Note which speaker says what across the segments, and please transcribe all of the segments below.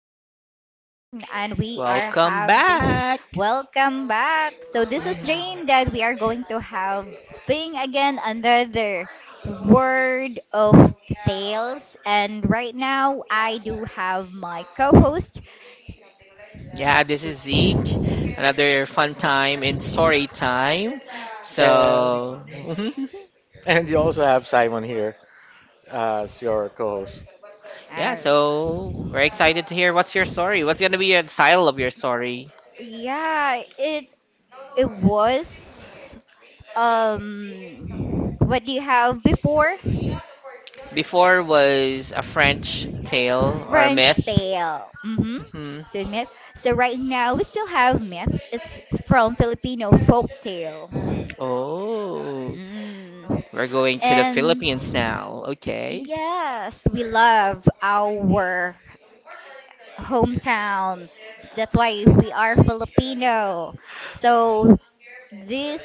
Speaker 1: is Jane, and we are
Speaker 2: Welcome
Speaker 1: having
Speaker 2: back.
Speaker 1: welcome back. So, this is
Speaker 2: Mhm.
Speaker 1: Jane that we are going to have thing again another word of tales. And right now, I do have my co host.
Speaker 2: Yeah, this is Zeke. Another fun time in story time.
Speaker 3: And
Speaker 2: So,
Speaker 3: and you also have Simon here as your co-host.
Speaker 2: yeah,
Speaker 1: Alright.
Speaker 2: so we're excited to hear what's your story. What's going to be your style of your story?
Speaker 1: Yeah, it was um what do you have before?
Speaker 2: Before was a French tale or
Speaker 1: French
Speaker 2: myth.
Speaker 1: tail. Mm-hmm.
Speaker 2: Hmm.
Speaker 1: So myth. So right now we still have myth. It's from Filipino folk tale.
Speaker 2: Oh,
Speaker 1: Mm.
Speaker 2: we're going to the
Speaker 1: And
Speaker 2: Philippines now. Okay.
Speaker 1: yes, we love our hometown. That's why we are Filipino. So this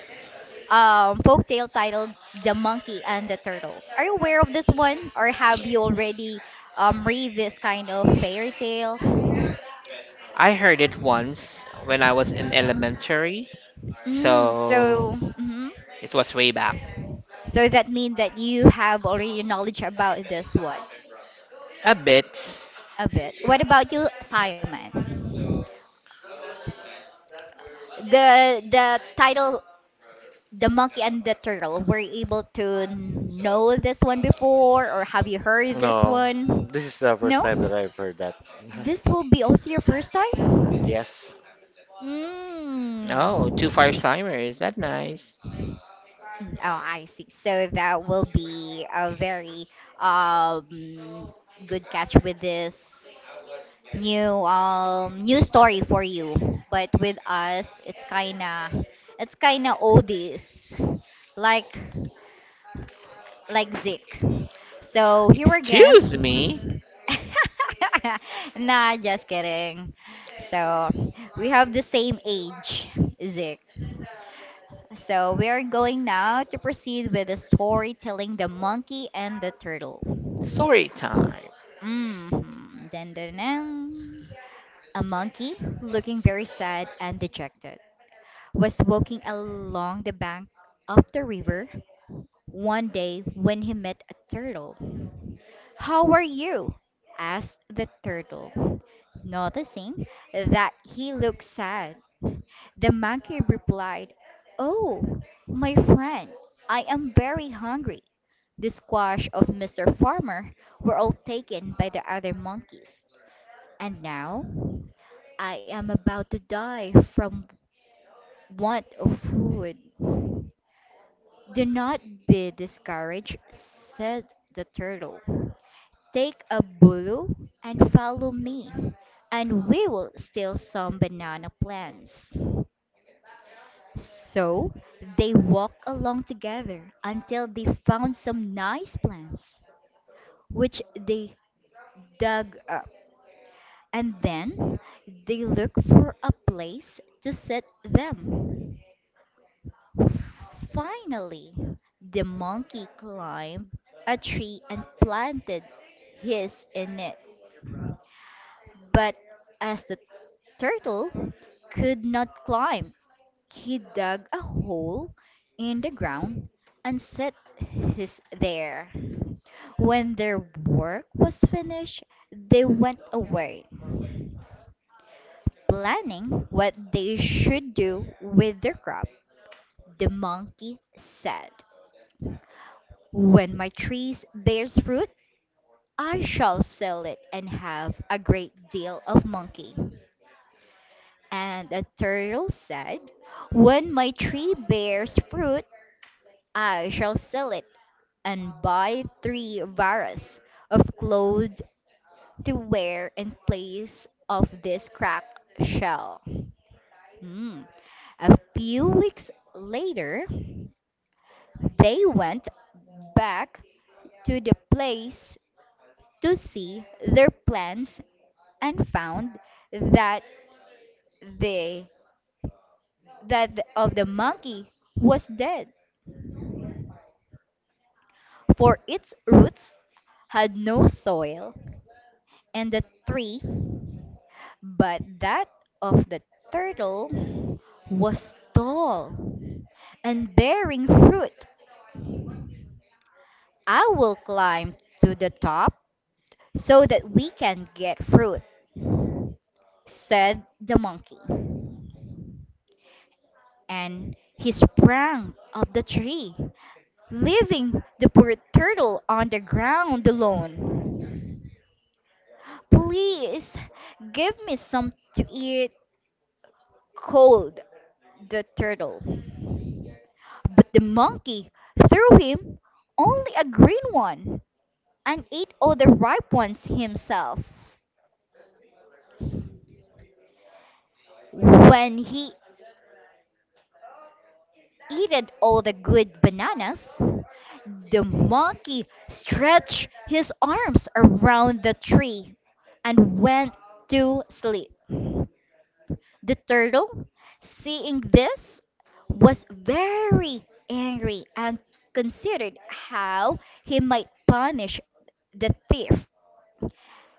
Speaker 1: folktale titled The Monkey and the Turtle. Are you aware of this one, or have you already read this kind of fairy tale?
Speaker 2: I heard it once when I was in elementary.
Speaker 1: Mm,
Speaker 2: So,
Speaker 1: so, mhm.
Speaker 2: it was way back.
Speaker 1: So that means that you have already knowledge about this one
Speaker 2: A bit.
Speaker 1: a bit. What about you, Simon? The title, The Monkey and the Turtle. Were you able to know this one before, or have you heard this
Speaker 3: No,
Speaker 1: one?
Speaker 3: this is the first time that
Speaker 1: No?
Speaker 3: I've heard that.
Speaker 1: This will be also your first time?
Speaker 3: Yes.
Speaker 2: Oh, two
Speaker 1: Hmm.
Speaker 2: five-timer. Is that nice?
Speaker 1: Mm, oh, I see. So that will be a very um good catch with this new story for you. But with us, it's kinda oldies, like like Zik. So here
Speaker 2: Excuse me.
Speaker 1: again. Nah, just kidding. So we have the same age, Zik. So we are going now to proceed with the storytelling, The Monkey and the Turtle.
Speaker 2: Story time.
Speaker 1: Mm-hmm. Dun, dun, dun. A monkey, looking very sad and dejected, was walking along the bank of the river one day when he met a turtle. How are you? Asked the turtle, noticing that he looked sad. The monkey replied, oh, my friend, I am very hungry. The squash of Mr. Farmer were all taken by the other monkeys, and now I am about to die from want of food. Do not be discouraged, said the turtle. Take a bulu and follow me, and we will steal some banana plants. So they walked along together until they found some nice plants, which they dug up. And then they looked for a place to set them. Finally, the monkey climbed a tree and planted his in it. But as the turtle could not climb, he dug a hole in the ground and set his there. When their work was finished, they went away, planning what they should do with their crop. The monkey said, when my tree bears fruit, I shall sell it and have a great deal of monkey. And the turtle said, when my tree bears fruit, I shall sell it and buy three varas of clothes to wear in place of this cracked shell. Hmm. A few weeks later, they went back to the place to see their plants and found that they that the- of the monkey was dead, for its roots had no soil, and the tree, but that of the turtle, was tall and bearing fruit. I will climb to the top so that we can get fruit, said the monkey. And he sprang up the tree, leaving the poor turtle on the ground alone. Please give me some to eat cold, the turtle. But the monkey threw him only a green one and ate all the ripe ones himself. When he ate all the good bananas, the monkey stretched his arms around the tree and went to sleep. The turtle, seeing this, was very angry and considered how he might punish the thief.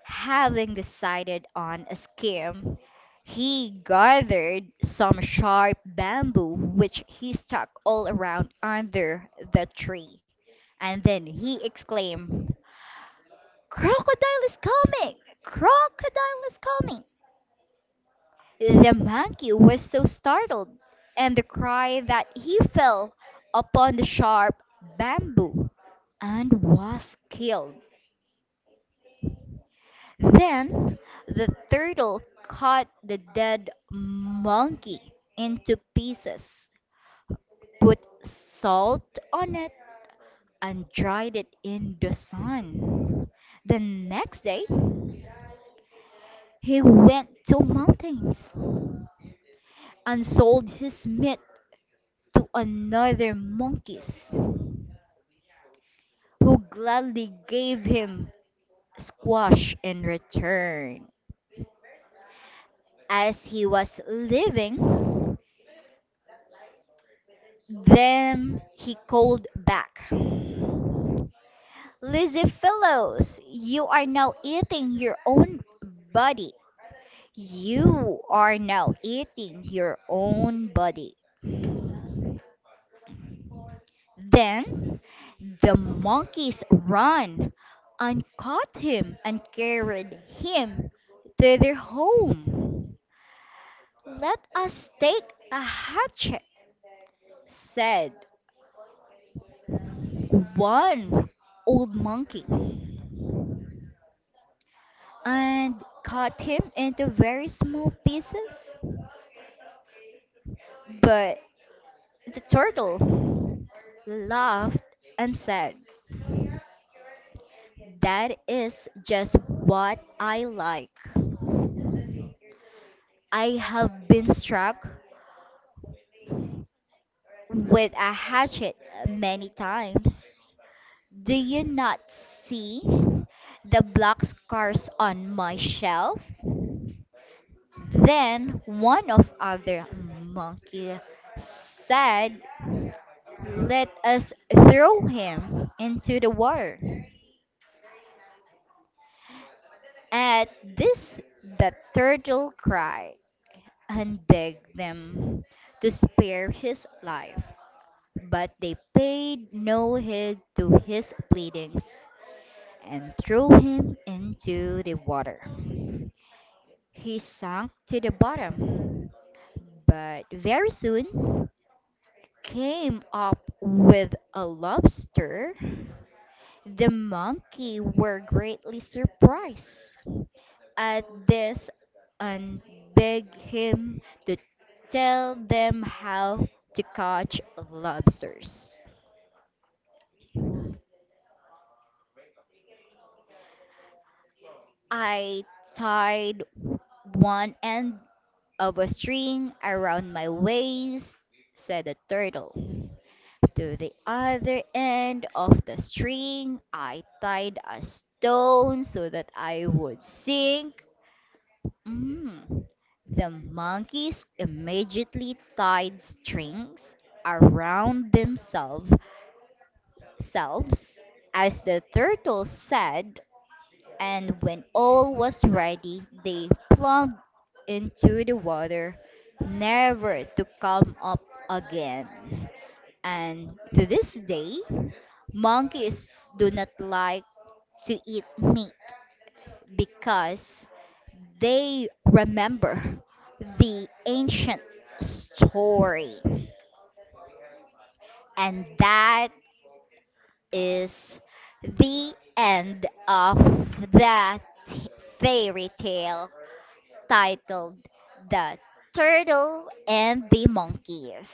Speaker 1: Having decided on a scheme, he gathered some sharp bamboo which he stuck all around under the tree, and then he exclaimed, "Crocodile is coming! Crocodile is coming!" The monkey was so startled and the cry that he fell upon the sharp bamboo and was killed. Then the turtle cut the dead monkey into pieces, put salt on it, and dried it in the sun. The next day, he went to mountains and sold his meat to another monkeys, who gladly gave him squash in return. As he was leaving, then he called back. Lazy fellows, you are now eating your own body. You are now eating your own body. Then the monkeys ran and caught him and carried him to their home. Let us take a hatchet, said one old monkey, and cut him into very small pieces. But the turtle laughed and said, that is just what I like. I have been struck with a hatchet many times. Do you not see the black scars on my shelf? Then one of other monkey said, let us throw him into the water. At this, the turtle cried and begged them to spare his life, but they paid no heed to his pleadings and threw him into the water. He sank to the bottom, but very soon came up with a lobster. The monkey were greatly surprised at this and begged him to tell them how to catch lobsters. I tied one end of a string around my waist, said the turtle. To the other end of the string, I tied a stone so that I would sink. Mm. The monkeys immediately tied strings around themselves selves, as the turtle said, and when all was ready, they plunged into the water, never to come up again. And to this day, monkeys do not like to eat meat because they remember the ancient story. And that is the end of that fairy tale titled The Turtle and the Monkeys.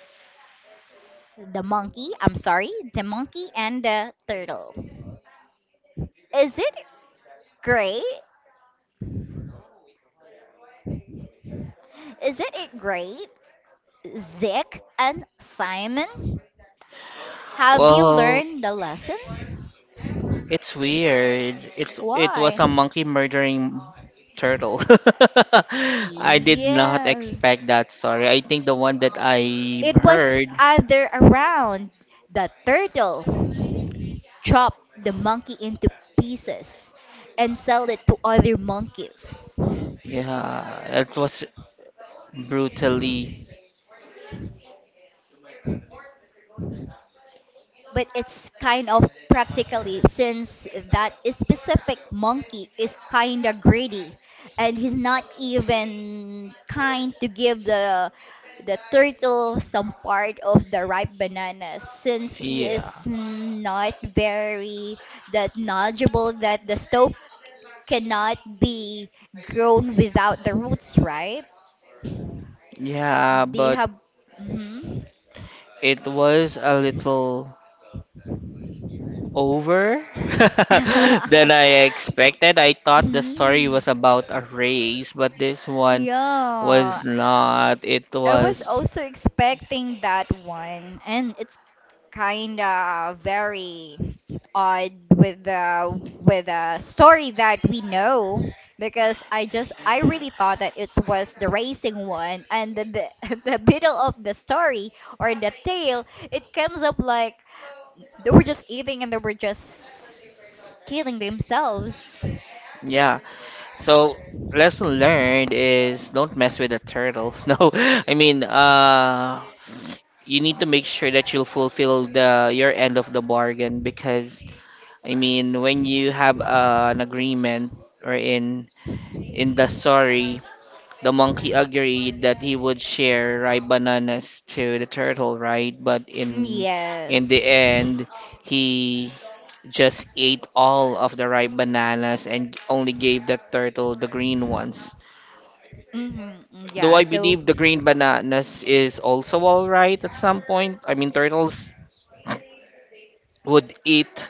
Speaker 1: The monkey, I'm sorry, the monkey and the turtle. Is it great? Is it great? Zeke and Simon? Have you
Speaker 2: Well,
Speaker 1: learned the lesson?
Speaker 2: it's weird. It was
Speaker 1: Why?
Speaker 2: a monkey murdering turtle. I did not
Speaker 1: Yes.
Speaker 2: expect that story. I think the one that I've
Speaker 1: It was
Speaker 2: heard,
Speaker 1: either around the turtle chopped the monkey into pieces and sell it to other monkeys.
Speaker 2: yeah, it was brutally,
Speaker 1: But it's kind of practically, since that specific monkey is kind of greedy and he's not even kind to give the turtle some part of the ripe bananas, since he is
Speaker 2: yeah,
Speaker 1: not very that knowledgeable that the stope cannot be grown without the roots, right?
Speaker 2: yeah,
Speaker 1: They
Speaker 2: but
Speaker 1: have mhm.
Speaker 2: it was a little over than I expected. I thought the story
Speaker 1: Mm,
Speaker 2: was about a race, but this one
Speaker 1: yeah,
Speaker 2: was not. It
Speaker 1: I was
Speaker 2: was,
Speaker 1: also expecting that one, and it's kind of very odd with the story that we know, because I really thought that it was the racing one, and then the the middle of the story or the tale, it comes up like they were just eating and they were just killing themselves.
Speaker 2: yeah. So, lesson learned is don't mess with a turtle. No, I mean, you need to make sure that you'll fulfill the your end of the bargain because, I mean, when you have an agreement or in the story. The monkey agreed that he would share ripe bananas to the turtle, right? But in the
Speaker 1: Yes.
Speaker 2: end, he just ate all of the ripe bananas and only gave the turtle the green ones.
Speaker 1: Mm-hmm. Mm,
Speaker 2: Though
Speaker 1: yeah.
Speaker 2: I
Speaker 1: So.
Speaker 2: believe the green bananas is also all right at some point. I mean, turtles would eat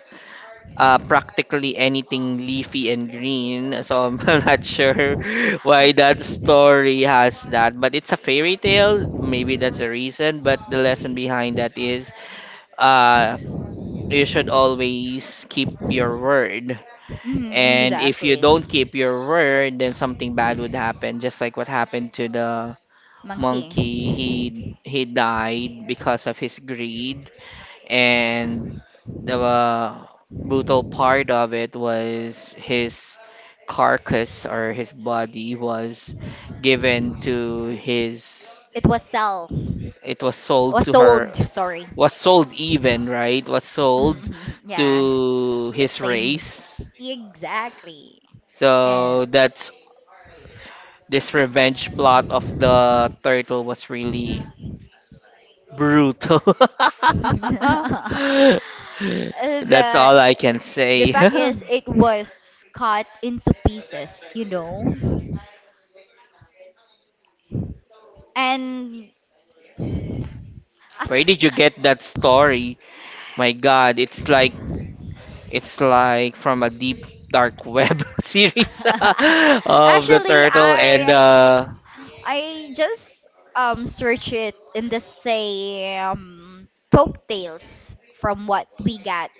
Speaker 2: practically anything leafy and green. So I'm not sure why that story has that, but it's a fairy tale. Maybe that's a reason, but the lesson behind that is uh, you should always keep your word.
Speaker 1: Mm,
Speaker 2: And if you
Speaker 1: exactly.
Speaker 2: don't keep your word, then something bad would happen, just like what happened to the
Speaker 1: Monkey.
Speaker 2: monkey. He died because of his greed and the brutal part of it was his carcass or his body was given to his,
Speaker 1: It was sell.
Speaker 2: it was sold
Speaker 1: Was
Speaker 2: to
Speaker 1: sold.
Speaker 2: her,
Speaker 1: Sorry.
Speaker 2: was sold, even, right, was sold
Speaker 1: Mhm, yeah.
Speaker 2: to his
Speaker 1: Same.
Speaker 2: race.
Speaker 1: Exactly. And
Speaker 2: So that's, this revenge plot of the turtle was really brutal.
Speaker 1: Uh,
Speaker 2: That's
Speaker 1: the
Speaker 2: all I can
Speaker 1: the
Speaker 2: say.
Speaker 1: fact is it was cut into pieces, you know. And
Speaker 2: Where did you get that story? My God, it's like from a deep dark web series of the
Speaker 1: actually,
Speaker 2: turtle. And
Speaker 1: I I just search it in the same folk tales from what we got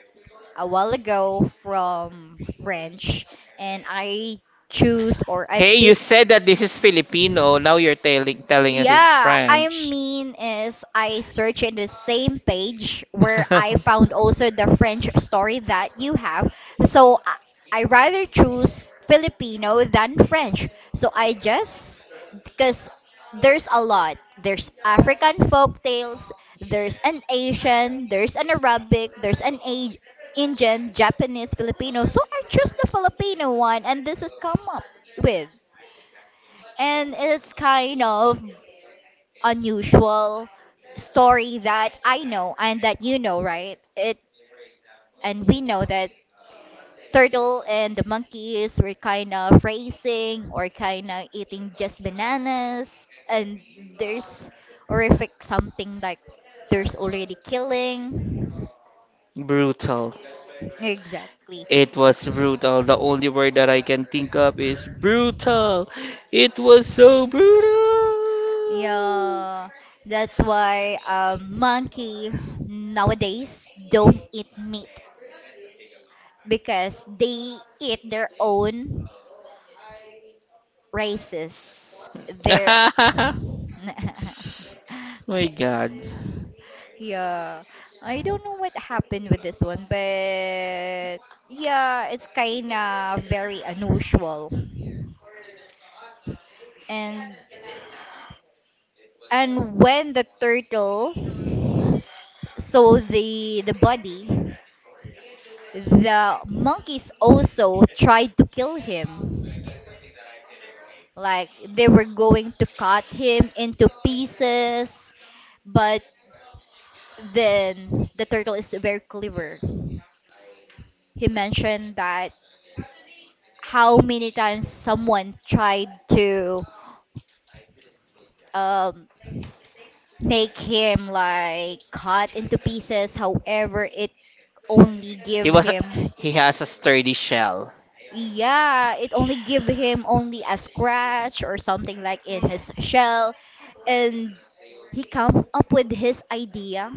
Speaker 1: a while ago from French, and I choose or I
Speaker 2: hey, you
Speaker 1: pick.
Speaker 2: said that this is Filipino. Now you're telling us it's
Speaker 1: Yeah, I
Speaker 2: French.
Speaker 1: mean is I search in the same page where I found also the French story that you have. So I rather choose Filipino than French. So I just because there's a lot. There's African folk tales, there's an Asian, there's an Arabic, there's an A Indian, Japanese, Filipino. So I choose the Filipino one and this has come up with, and it's kind of unusual story that I know and that you know, right? It and we know that turtle and the monkeys were kind of racing or kind of eating just bananas, and there's horrific, something like there's already killing.
Speaker 2: Brutal.
Speaker 1: Exactly.
Speaker 2: It was brutal. The only word that I can think of is brutal. It was so brutal.
Speaker 1: Yeah, that's why monkey nowadays don't eat meat because they eat their own races. Their
Speaker 2: My God.
Speaker 1: yeah, I don't know what happened with this one, but yeah, it's kind of very unusual. And when the turtle saw the body, the monkeys also tried to kill him. Like they were going to cut him into pieces, but then the turtle is very clever. He mentioned that how many times someone tried to um, make him like cut into pieces, however, it only
Speaker 2: He
Speaker 1: give
Speaker 2: was
Speaker 1: him.
Speaker 2: he has a sturdy shell.
Speaker 1: Yeah, it only give him only a scratch or something like in his shell, and he come up with his idea,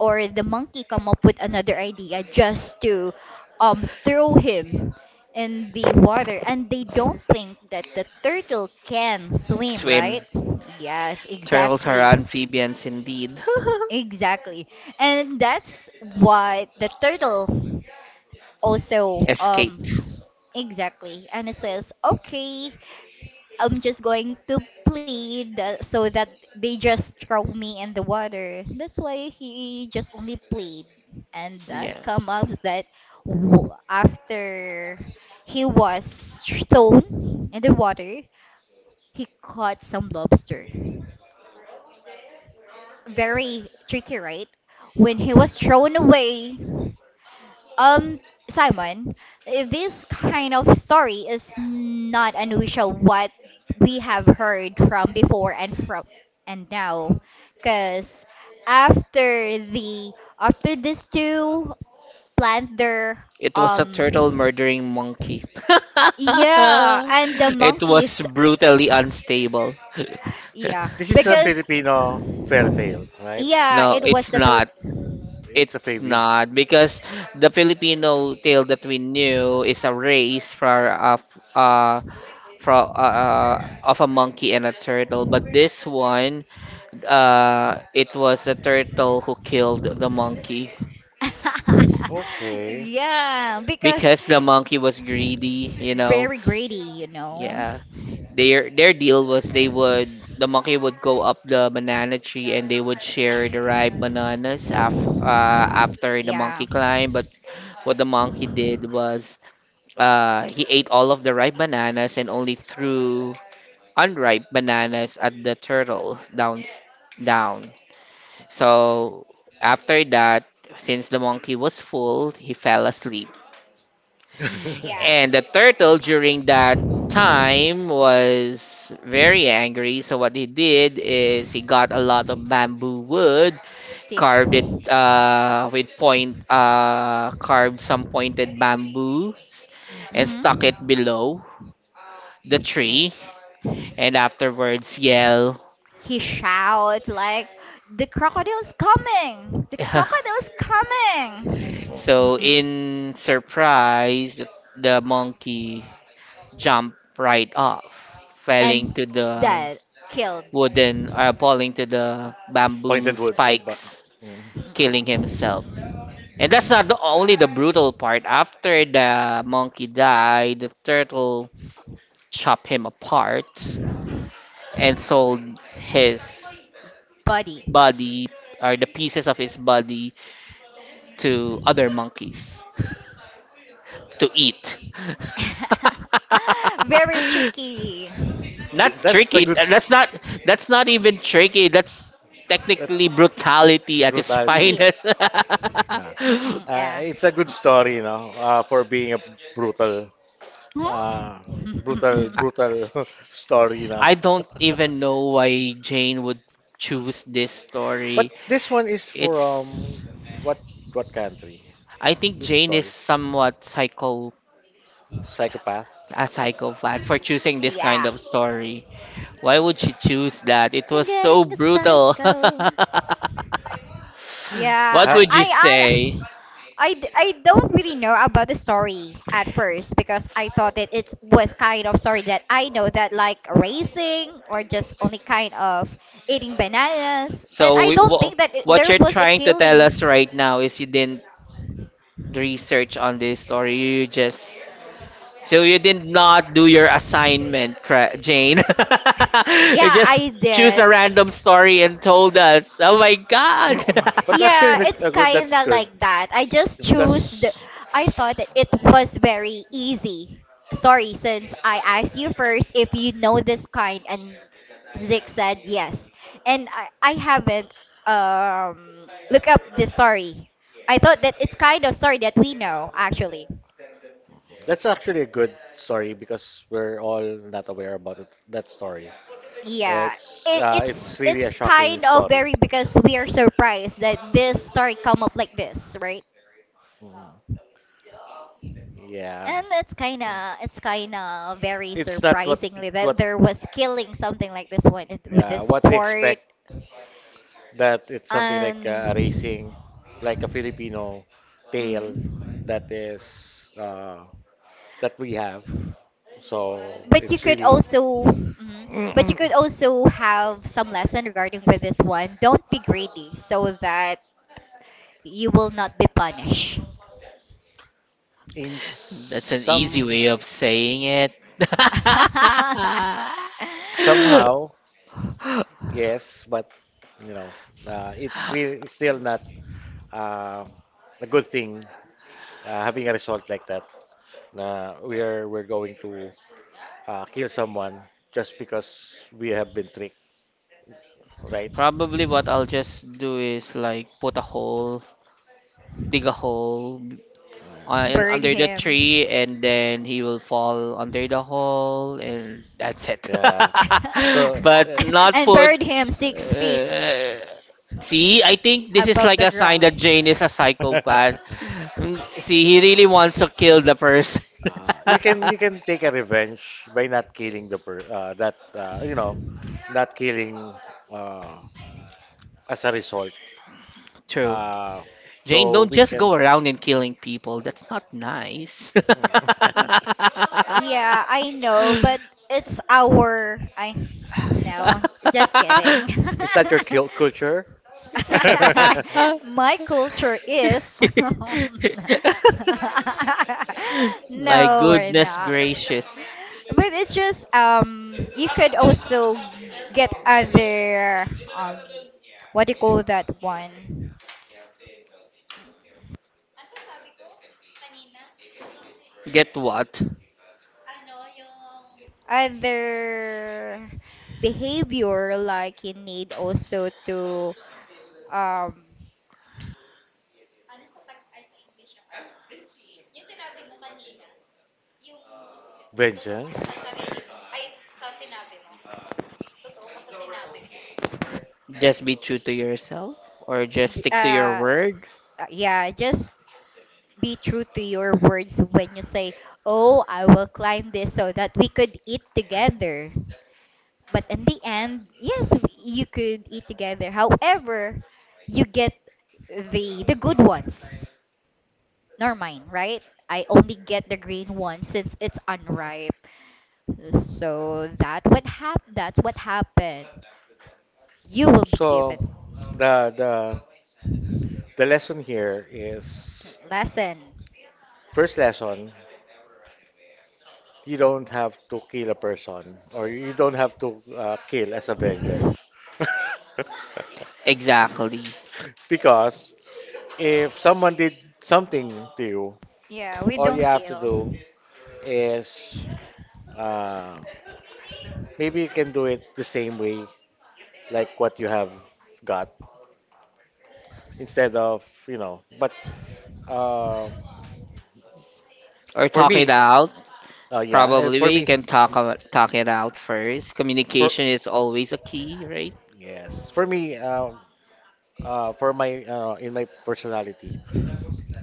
Speaker 1: or the monkey come up with another idea just to throw him in the water, and they don't think that the turtle can swim,
Speaker 2: Swim.
Speaker 1: right? Yes,
Speaker 2: Turtles are
Speaker 1: exactly,
Speaker 2: amphibians indeed.
Speaker 1: exactly, and that's what the turtle also
Speaker 2: Escaped.
Speaker 1: exactly and it says okay, I'm just going to plead that, so that they just throw me in the water, that's why he just only plead, and that
Speaker 2: Yeah.
Speaker 1: come up that after he was thrown in the water, he caught some lobster. Very tricky, right? When he was thrown away. Um, Simon, eh, this kind of story is not unusual what we have heard from before and from and now, because after the after these two plant their
Speaker 2: It was a turtle
Speaker 1: um
Speaker 2: murdering monkey.
Speaker 1: yeah, and the
Speaker 2: It was
Speaker 1: monkeys
Speaker 2: brutally unstable.
Speaker 1: yeah
Speaker 3: This is a
Speaker 1: because
Speaker 3: Filipino fairy tale, right?
Speaker 1: yeah
Speaker 2: No,
Speaker 1: it was
Speaker 2: it's
Speaker 1: the Philip.
Speaker 2: not.
Speaker 3: It's a
Speaker 2: It's
Speaker 3: baby.
Speaker 2: not because the Filipino tale that we knew is a race uh for of a monkey and a turtle, but this one it was a turtle who killed the monkey.
Speaker 3: Okay.
Speaker 1: Yeah, because
Speaker 2: Because the monkey was greedy, you know.
Speaker 1: very greedy, you know.
Speaker 2: Yeah. Their deal was the monkey would go up the banana tree and they would share the ripe bananas after the monkey
Speaker 1: Yeah.
Speaker 2: climbed. But what the monkey did was he ate all of the ripe bananas and only threw unripe bananas at the turtle down. So after that, since the monkey was full, he fell asleep.
Speaker 1: Yeah.
Speaker 2: And the turtle during that time was very angry. So what he did is he got a lot of bamboo wood,
Speaker 1: Stick.
Speaker 2: carved it with point, carved some pointed bamboos, and
Speaker 1: Mhm.
Speaker 2: stuck it below
Speaker 1: Uh,
Speaker 2: the tree. And afterwards, yell.
Speaker 1: he shout like, "The crocodile's coming! The crocodile's coming!"
Speaker 2: So in surprise, the monkey jumped right off, falling
Speaker 1: And
Speaker 2: to the
Speaker 1: that killed.
Speaker 2: falling to the bamboo
Speaker 3: Pointed wood.
Speaker 2: spikes,
Speaker 3: Okay.
Speaker 2: killing
Speaker 1: Mm-mm.
Speaker 2: himself. And that's not, only the brutal part. After the monkey died, the turtle chopped him apart and sold his
Speaker 1: Body.
Speaker 2: body, or the pieces of his body, to other monkeys to eat.
Speaker 1: Very tricky.
Speaker 2: Not
Speaker 1: Trick-
Speaker 3: That's a
Speaker 2: tricky.
Speaker 3: good s-
Speaker 2: That's not, that's not even tricky. That's
Speaker 3: that's
Speaker 2: technically brutality at its
Speaker 3: brutality.
Speaker 1: yeah.
Speaker 2: finest.
Speaker 3: Nah.
Speaker 1: Mm-mm, yeah.
Speaker 3: It's a good story, you know, for being a brutal
Speaker 1: Huh?
Speaker 3: Uh, brutal, brutal story na.
Speaker 2: I don't even know why Jane would choose this
Speaker 3: But
Speaker 2: story.
Speaker 3: this one is for
Speaker 2: It's
Speaker 3: what country?
Speaker 2: I think
Speaker 3: This
Speaker 2: Jane is
Speaker 3: story,
Speaker 2: somewhat psycho
Speaker 3: psychopath.
Speaker 2: a psychopath for choosing this kind
Speaker 1: Yeah.
Speaker 2: of story. Why would she choose that? It
Speaker 1: I'm
Speaker 2: was so
Speaker 1: getting a
Speaker 2: brutal.
Speaker 1: psycho. Yeah,
Speaker 2: What
Speaker 1: I
Speaker 3: Ha-
Speaker 2: would you
Speaker 1: I
Speaker 2: say?
Speaker 1: hon- I I don't really know about the story at first, because I thought that it was kind of story that I know, that like racing or just only kind of eating bananas, and
Speaker 2: So
Speaker 1: I don't think that it,
Speaker 2: what
Speaker 1: there
Speaker 2: you're
Speaker 1: was a
Speaker 2: trying to tell us
Speaker 1: killing.
Speaker 2: right now is you didn't research on this, or you just, so you did not do your assignment, Jane. You
Speaker 1: Yeah,
Speaker 2: just
Speaker 1: I
Speaker 2: choose
Speaker 1: did.
Speaker 2: a random story and told us. Oh my God.
Speaker 3: but actually,
Speaker 1: Yeah, it's
Speaker 3: that's
Speaker 1: kinda
Speaker 3: good
Speaker 1: like that. I just choose the.
Speaker 3: because
Speaker 1: I thought that it was very easy. Sorry, since I asked you first if you know this kind, and Zig said yes, and I haven't look up the story. I thought that it's kind of story that we know actually.
Speaker 3: that's actually a good story because we're all not aware about it, that story.
Speaker 1: Yeah. It, it's
Speaker 3: It's really a
Speaker 1: it's
Speaker 3: shocking
Speaker 1: kind of
Speaker 3: story.
Speaker 1: very because we are surprised that this story come up like this, right?
Speaker 3: Mm, yeah,
Speaker 1: And it's kind of very
Speaker 3: it's not what
Speaker 1: surprisingly that
Speaker 3: what
Speaker 1: there was killing, something like this one with
Speaker 3: yeah
Speaker 1: this
Speaker 3: what we
Speaker 1: port.
Speaker 3: expect, that it's something like a
Speaker 1: Um.
Speaker 3: racing, like a Filipino
Speaker 1: Mhm.
Speaker 3: tale that is that we have. So
Speaker 1: But you
Speaker 3: it's
Speaker 1: could
Speaker 3: really
Speaker 1: also, mhm, but you could also have some lesson regarding with this one. Don't be greedy, so that you will not be punished.
Speaker 3: in
Speaker 2: That's an easy
Speaker 3: some
Speaker 2: way of saying it.
Speaker 1: Uh,
Speaker 3: somehow yes, but you know it's still not uh, a good thing having a result like that. Na we're going to kill someone just because we have been tricked, right?
Speaker 2: Probably what I'll just do is like put a hole, dig a hole
Speaker 3: Yeah.
Speaker 1: bird
Speaker 2: under the
Speaker 1: him.
Speaker 2: tree, and then he will fall under the hole and that's it.
Speaker 3: Yeah. So
Speaker 2: But not
Speaker 1: And
Speaker 2: put.
Speaker 1: buried him 6 feet
Speaker 2: Uh, See, I think this is
Speaker 1: above
Speaker 2: like
Speaker 1: the
Speaker 2: a sign that
Speaker 1: ground.
Speaker 2: Jane is a psychopath. See, he really wants to kill the person.
Speaker 3: you can take a revenge by not killing the per that you know, not killing uh, as a result.
Speaker 2: True.
Speaker 3: Uh,
Speaker 2: Jane,
Speaker 3: so
Speaker 2: don't
Speaker 3: we
Speaker 2: just go
Speaker 3: can.
Speaker 2: around and killing people. That's not nice.
Speaker 1: Mm, yeah, I know, but it's our. I. No, just kidding.
Speaker 3: Is that your kill culture?
Speaker 1: My culture is.
Speaker 2: My
Speaker 1: No, we're
Speaker 2: goodness
Speaker 1: not.
Speaker 2: gracious.
Speaker 1: But it's just you could also get other um what do you call that one?
Speaker 2: Get what?
Speaker 1: Other behavior, like you need also to um
Speaker 3: Vengeance.
Speaker 2: Just be true to yourself or just
Speaker 1: j-
Speaker 2: stick to your
Speaker 1: uh
Speaker 2: word?
Speaker 1: yeah, just be true to your words. When you say, oh, I will climb this so that we could eat together, but in the end, yes, you could eat together, however, you get the good ones, nor mine, right? I only get the green one since it's unripe. So that would hap that's what happened. You will be
Speaker 3: So
Speaker 1: given
Speaker 3: the the the lesson here is
Speaker 1: lesson.
Speaker 3: first lesson, you don't have to kill a person or you don't have to kill as a vengeance.
Speaker 2: Exactly.
Speaker 3: Because if someone did something to you,
Speaker 1: Yeah, we
Speaker 3: all you
Speaker 1: don't
Speaker 3: have to
Speaker 1: kill.
Speaker 3: do is uh, maybe you can do it the same way, like what you have got, instead of, you know. But uh,
Speaker 2: Or
Speaker 3: for
Speaker 2: talk it
Speaker 3: me,
Speaker 2: out.
Speaker 3: yeah, and
Speaker 2: Probably
Speaker 3: for
Speaker 2: we
Speaker 3: me,
Speaker 2: can talk it out first.
Speaker 3: for
Speaker 2: Communication is always a key, right?
Speaker 3: yes, for me, for my in my personality,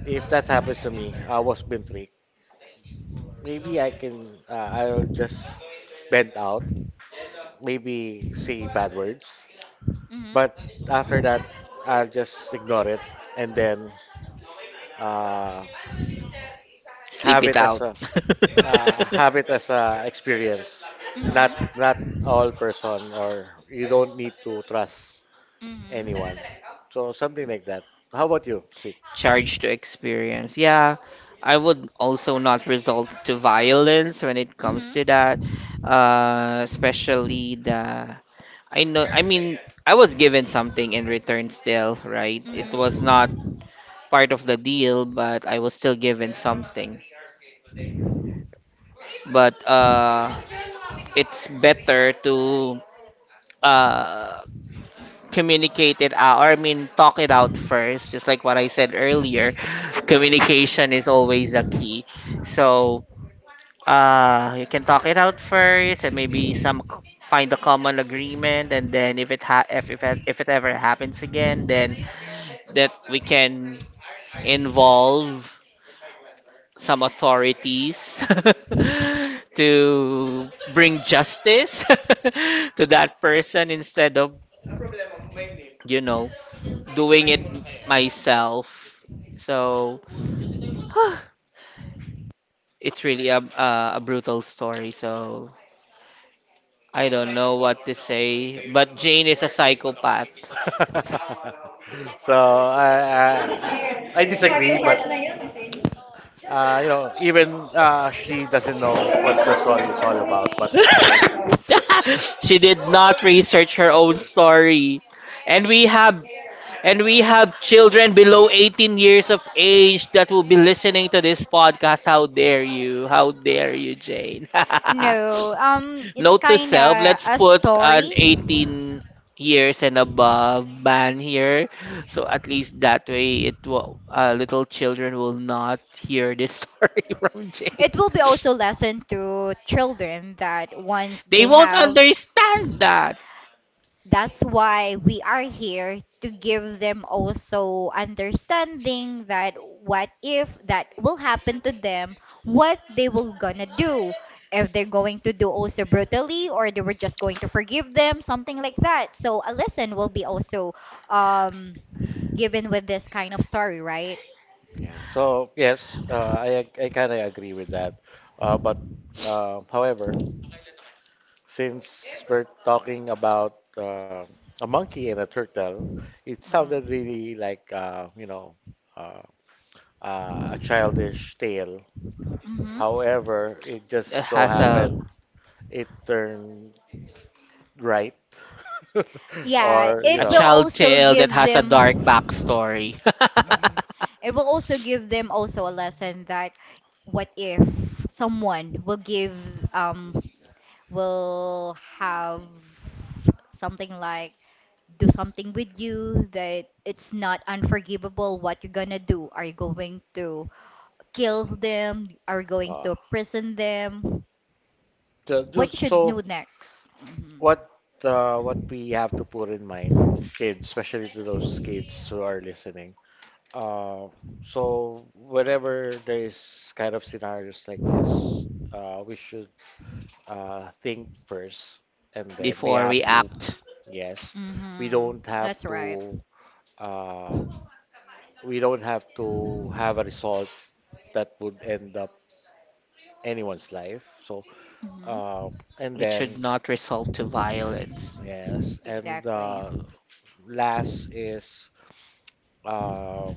Speaker 3: if that happens to me, I was being tricked. Maybe I can, I'll just bend out, maybe say bad words.
Speaker 1: Mhm.
Speaker 3: But after that, I'll just ignore it, and then uh,
Speaker 2: Sleep
Speaker 3: have
Speaker 2: it
Speaker 3: it as
Speaker 2: out.
Speaker 3: a have it as a experience.
Speaker 1: Mhm.
Speaker 3: Not
Speaker 1: Mhm.
Speaker 3: not all person, or you don't need to trust anyone.
Speaker 1: Mhm.
Speaker 3: So something like that. How about you, Sik?
Speaker 2: Charge to experience. Yeah, I would also not resort to violence when it comes
Speaker 1: Mhm.
Speaker 2: to that. Especially the I know, I mean, I was given something in return still, right? It was not part of the deal, but I was still given something. But it's better to uh communicate it out, or I mean talk it out first, just like what I said earlier. Communication is always a key. So you can talk it out first, and maybe some find a common agreement, and then if it ha if it ever happens again, then that we can involve some authorities to bring justice to that person instead of you know doing it myself. So it's really a, brutal story. So I don't know what to say, but Jane is a psychopath.
Speaker 3: So I I disagree, but you know, even she doesn't know what the story is all about, but
Speaker 2: She did not research her own story. And we have and we have children below 18 years of age that will be listening to this podcast. How dare you? How dare you, Jane?
Speaker 1: No, it's
Speaker 2: Note to
Speaker 1: kind
Speaker 2: self,
Speaker 1: of
Speaker 2: let's
Speaker 1: a
Speaker 2: put an
Speaker 1: story.
Speaker 2: 18 years and above ban here. So at least that way it will little children will not hear this story from Jay.
Speaker 1: It will be also lesson to children that once
Speaker 2: They
Speaker 1: they
Speaker 2: won't
Speaker 1: have
Speaker 2: understand that.
Speaker 1: that's why we are here to give them also understanding that what if that will happen to them, what they will gonna do, if they're going to do also brutally, or they were just going to forgive them, something like that, so a lesson will be also um given with this kind of story, right?
Speaker 3: yeah. So yes, I kind of agree with that. But however, since we're talking about a monkey and a turtle, it sounded
Speaker 1: Mm-hmm.
Speaker 3: really like you know, uh, a childish tale.
Speaker 1: Mm-hmm.
Speaker 3: However, it just
Speaker 2: It
Speaker 3: so
Speaker 2: has
Speaker 3: happened it turned right,
Speaker 1: Yeah,
Speaker 3: or you
Speaker 2: a
Speaker 1: it
Speaker 3: know,
Speaker 1: will
Speaker 2: child
Speaker 1: also
Speaker 2: tale that
Speaker 1: give
Speaker 2: has a dark
Speaker 1: them
Speaker 2: backstory.
Speaker 3: uh,
Speaker 1: mhm. It will also give them also a lesson that what if someone will give um will have something like do something with you, that it's not unforgivable, what you're gonna do. Are you going to kill them? Are you going
Speaker 3: uh,
Speaker 1: to prison them?
Speaker 3: so
Speaker 1: What you
Speaker 3: just
Speaker 1: should
Speaker 3: so
Speaker 1: do next? Hmm.
Speaker 3: what what we have to put in mind, kids, especially to those kids who are listening. Uh, so whenever there is kind of scenarios like this, we should think first, and then we
Speaker 2: Before we
Speaker 3: have to,
Speaker 2: act,
Speaker 3: yes, we
Speaker 1: Hmm,
Speaker 3: don't have
Speaker 1: that's right.
Speaker 3: to, uh, we don't have to have a result that would end up anyone's life. So,
Speaker 1: Hmm.
Speaker 3: uh, and
Speaker 2: it should
Speaker 3: then,
Speaker 2: not result to violence.
Speaker 3: yes, and
Speaker 1: Exactly.
Speaker 3: last is. Um,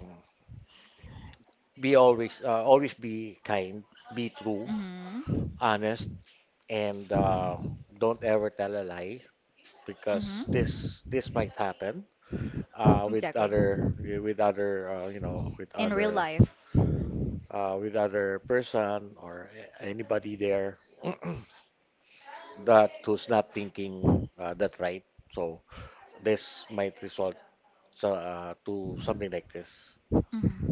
Speaker 3: be always always be kind, be true,
Speaker 1: Hmm.
Speaker 3: honest, and don't ever tell a lie, because
Speaker 1: Hmm.
Speaker 3: this might happen with
Speaker 1: Exactly.
Speaker 3: other you know,
Speaker 1: In real life.
Speaker 3: with other person or anybody there that who's not thinking that right. So this might result, so, to something like this.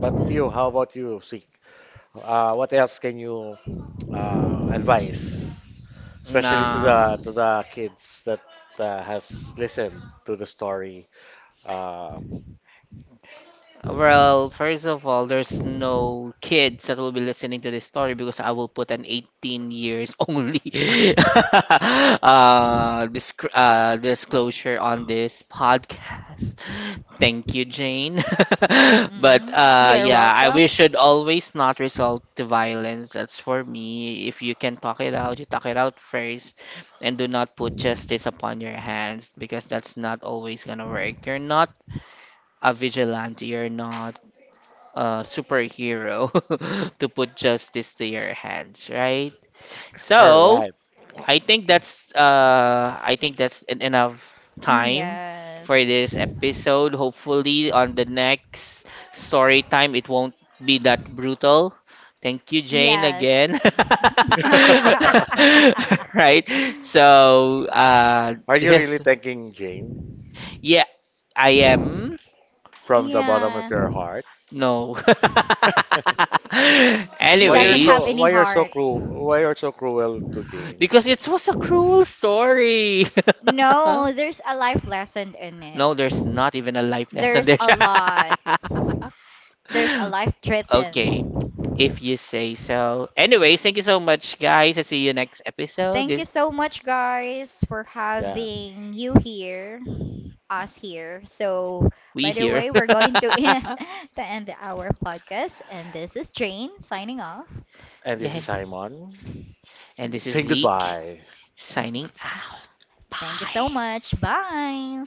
Speaker 3: But you, how about you, Sik? What else can you advise? Especially to
Speaker 2: No.
Speaker 3: the kids that has listened to the story. Uh,
Speaker 2: Well, first of all, there's no kids that will be listening to this story because I will put an 18 years only disclosure on this podcast. Thank you, Jane. But
Speaker 1: You, you're
Speaker 2: yeah, I we
Speaker 1: welcome.
Speaker 2: should always not resort to violence. That's for me. If you can talk it out, you talk it out first, and do not put justice upon your hands because that's not always gonna work. You're not a vigilante. You're not superhero to put justice to your hands, right?
Speaker 3: all
Speaker 2: So
Speaker 3: right.
Speaker 2: I think that's enough
Speaker 1: Mm,
Speaker 2: time
Speaker 1: yes.
Speaker 2: for this episode. Hopefully, on the next story time, it won't be that brutal. Thank you, Jane,
Speaker 1: Yes.
Speaker 2: again. Right. So
Speaker 3: Are you
Speaker 2: this
Speaker 3: really
Speaker 2: is
Speaker 3: thanking Jane
Speaker 2: Yeah, I am.
Speaker 3: from the bottom of
Speaker 1: Yeah.
Speaker 3: your heart?
Speaker 2: No.
Speaker 1: He doesn't have any
Speaker 2: Anyways.
Speaker 3: Why you're so
Speaker 1: heart.
Speaker 3: cruel? Why you're so cruel to Jane?
Speaker 2: Because it was a cruel story.
Speaker 1: No, there's a life lesson in it.
Speaker 2: No, there's not even a life lesson
Speaker 1: There's
Speaker 2: there.
Speaker 1: a lot. There's a life
Speaker 2: Okay. If
Speaker 1: threatened.
Speaker 2: you say so. Anyways, thank you so much, guys. I'll see you next episode.
Speaker 1: Thank you
Speaker 2: This
Speaker 1: so much, guys, for
Speaker 3: Yeah.
Speaker 1: having you here, us here. So,
Speaker 2: we
Speaker 1: by the
Speaker 2: here.
Speaker 1: way, we're going to end our podcast, and this is Jane signing off.
Speaker 3: And this
Speaker 2: Yay.
Speaker 3: is Simon
Speaker 2: And this is
Speaker 3: saying
Speaker 2: Zeke
Speaker 3: goodbye.
Speaker 2: signing out.
Speaker 1: Thank you
Speaker 2: Bye.
Speaker 1: so much. Bye.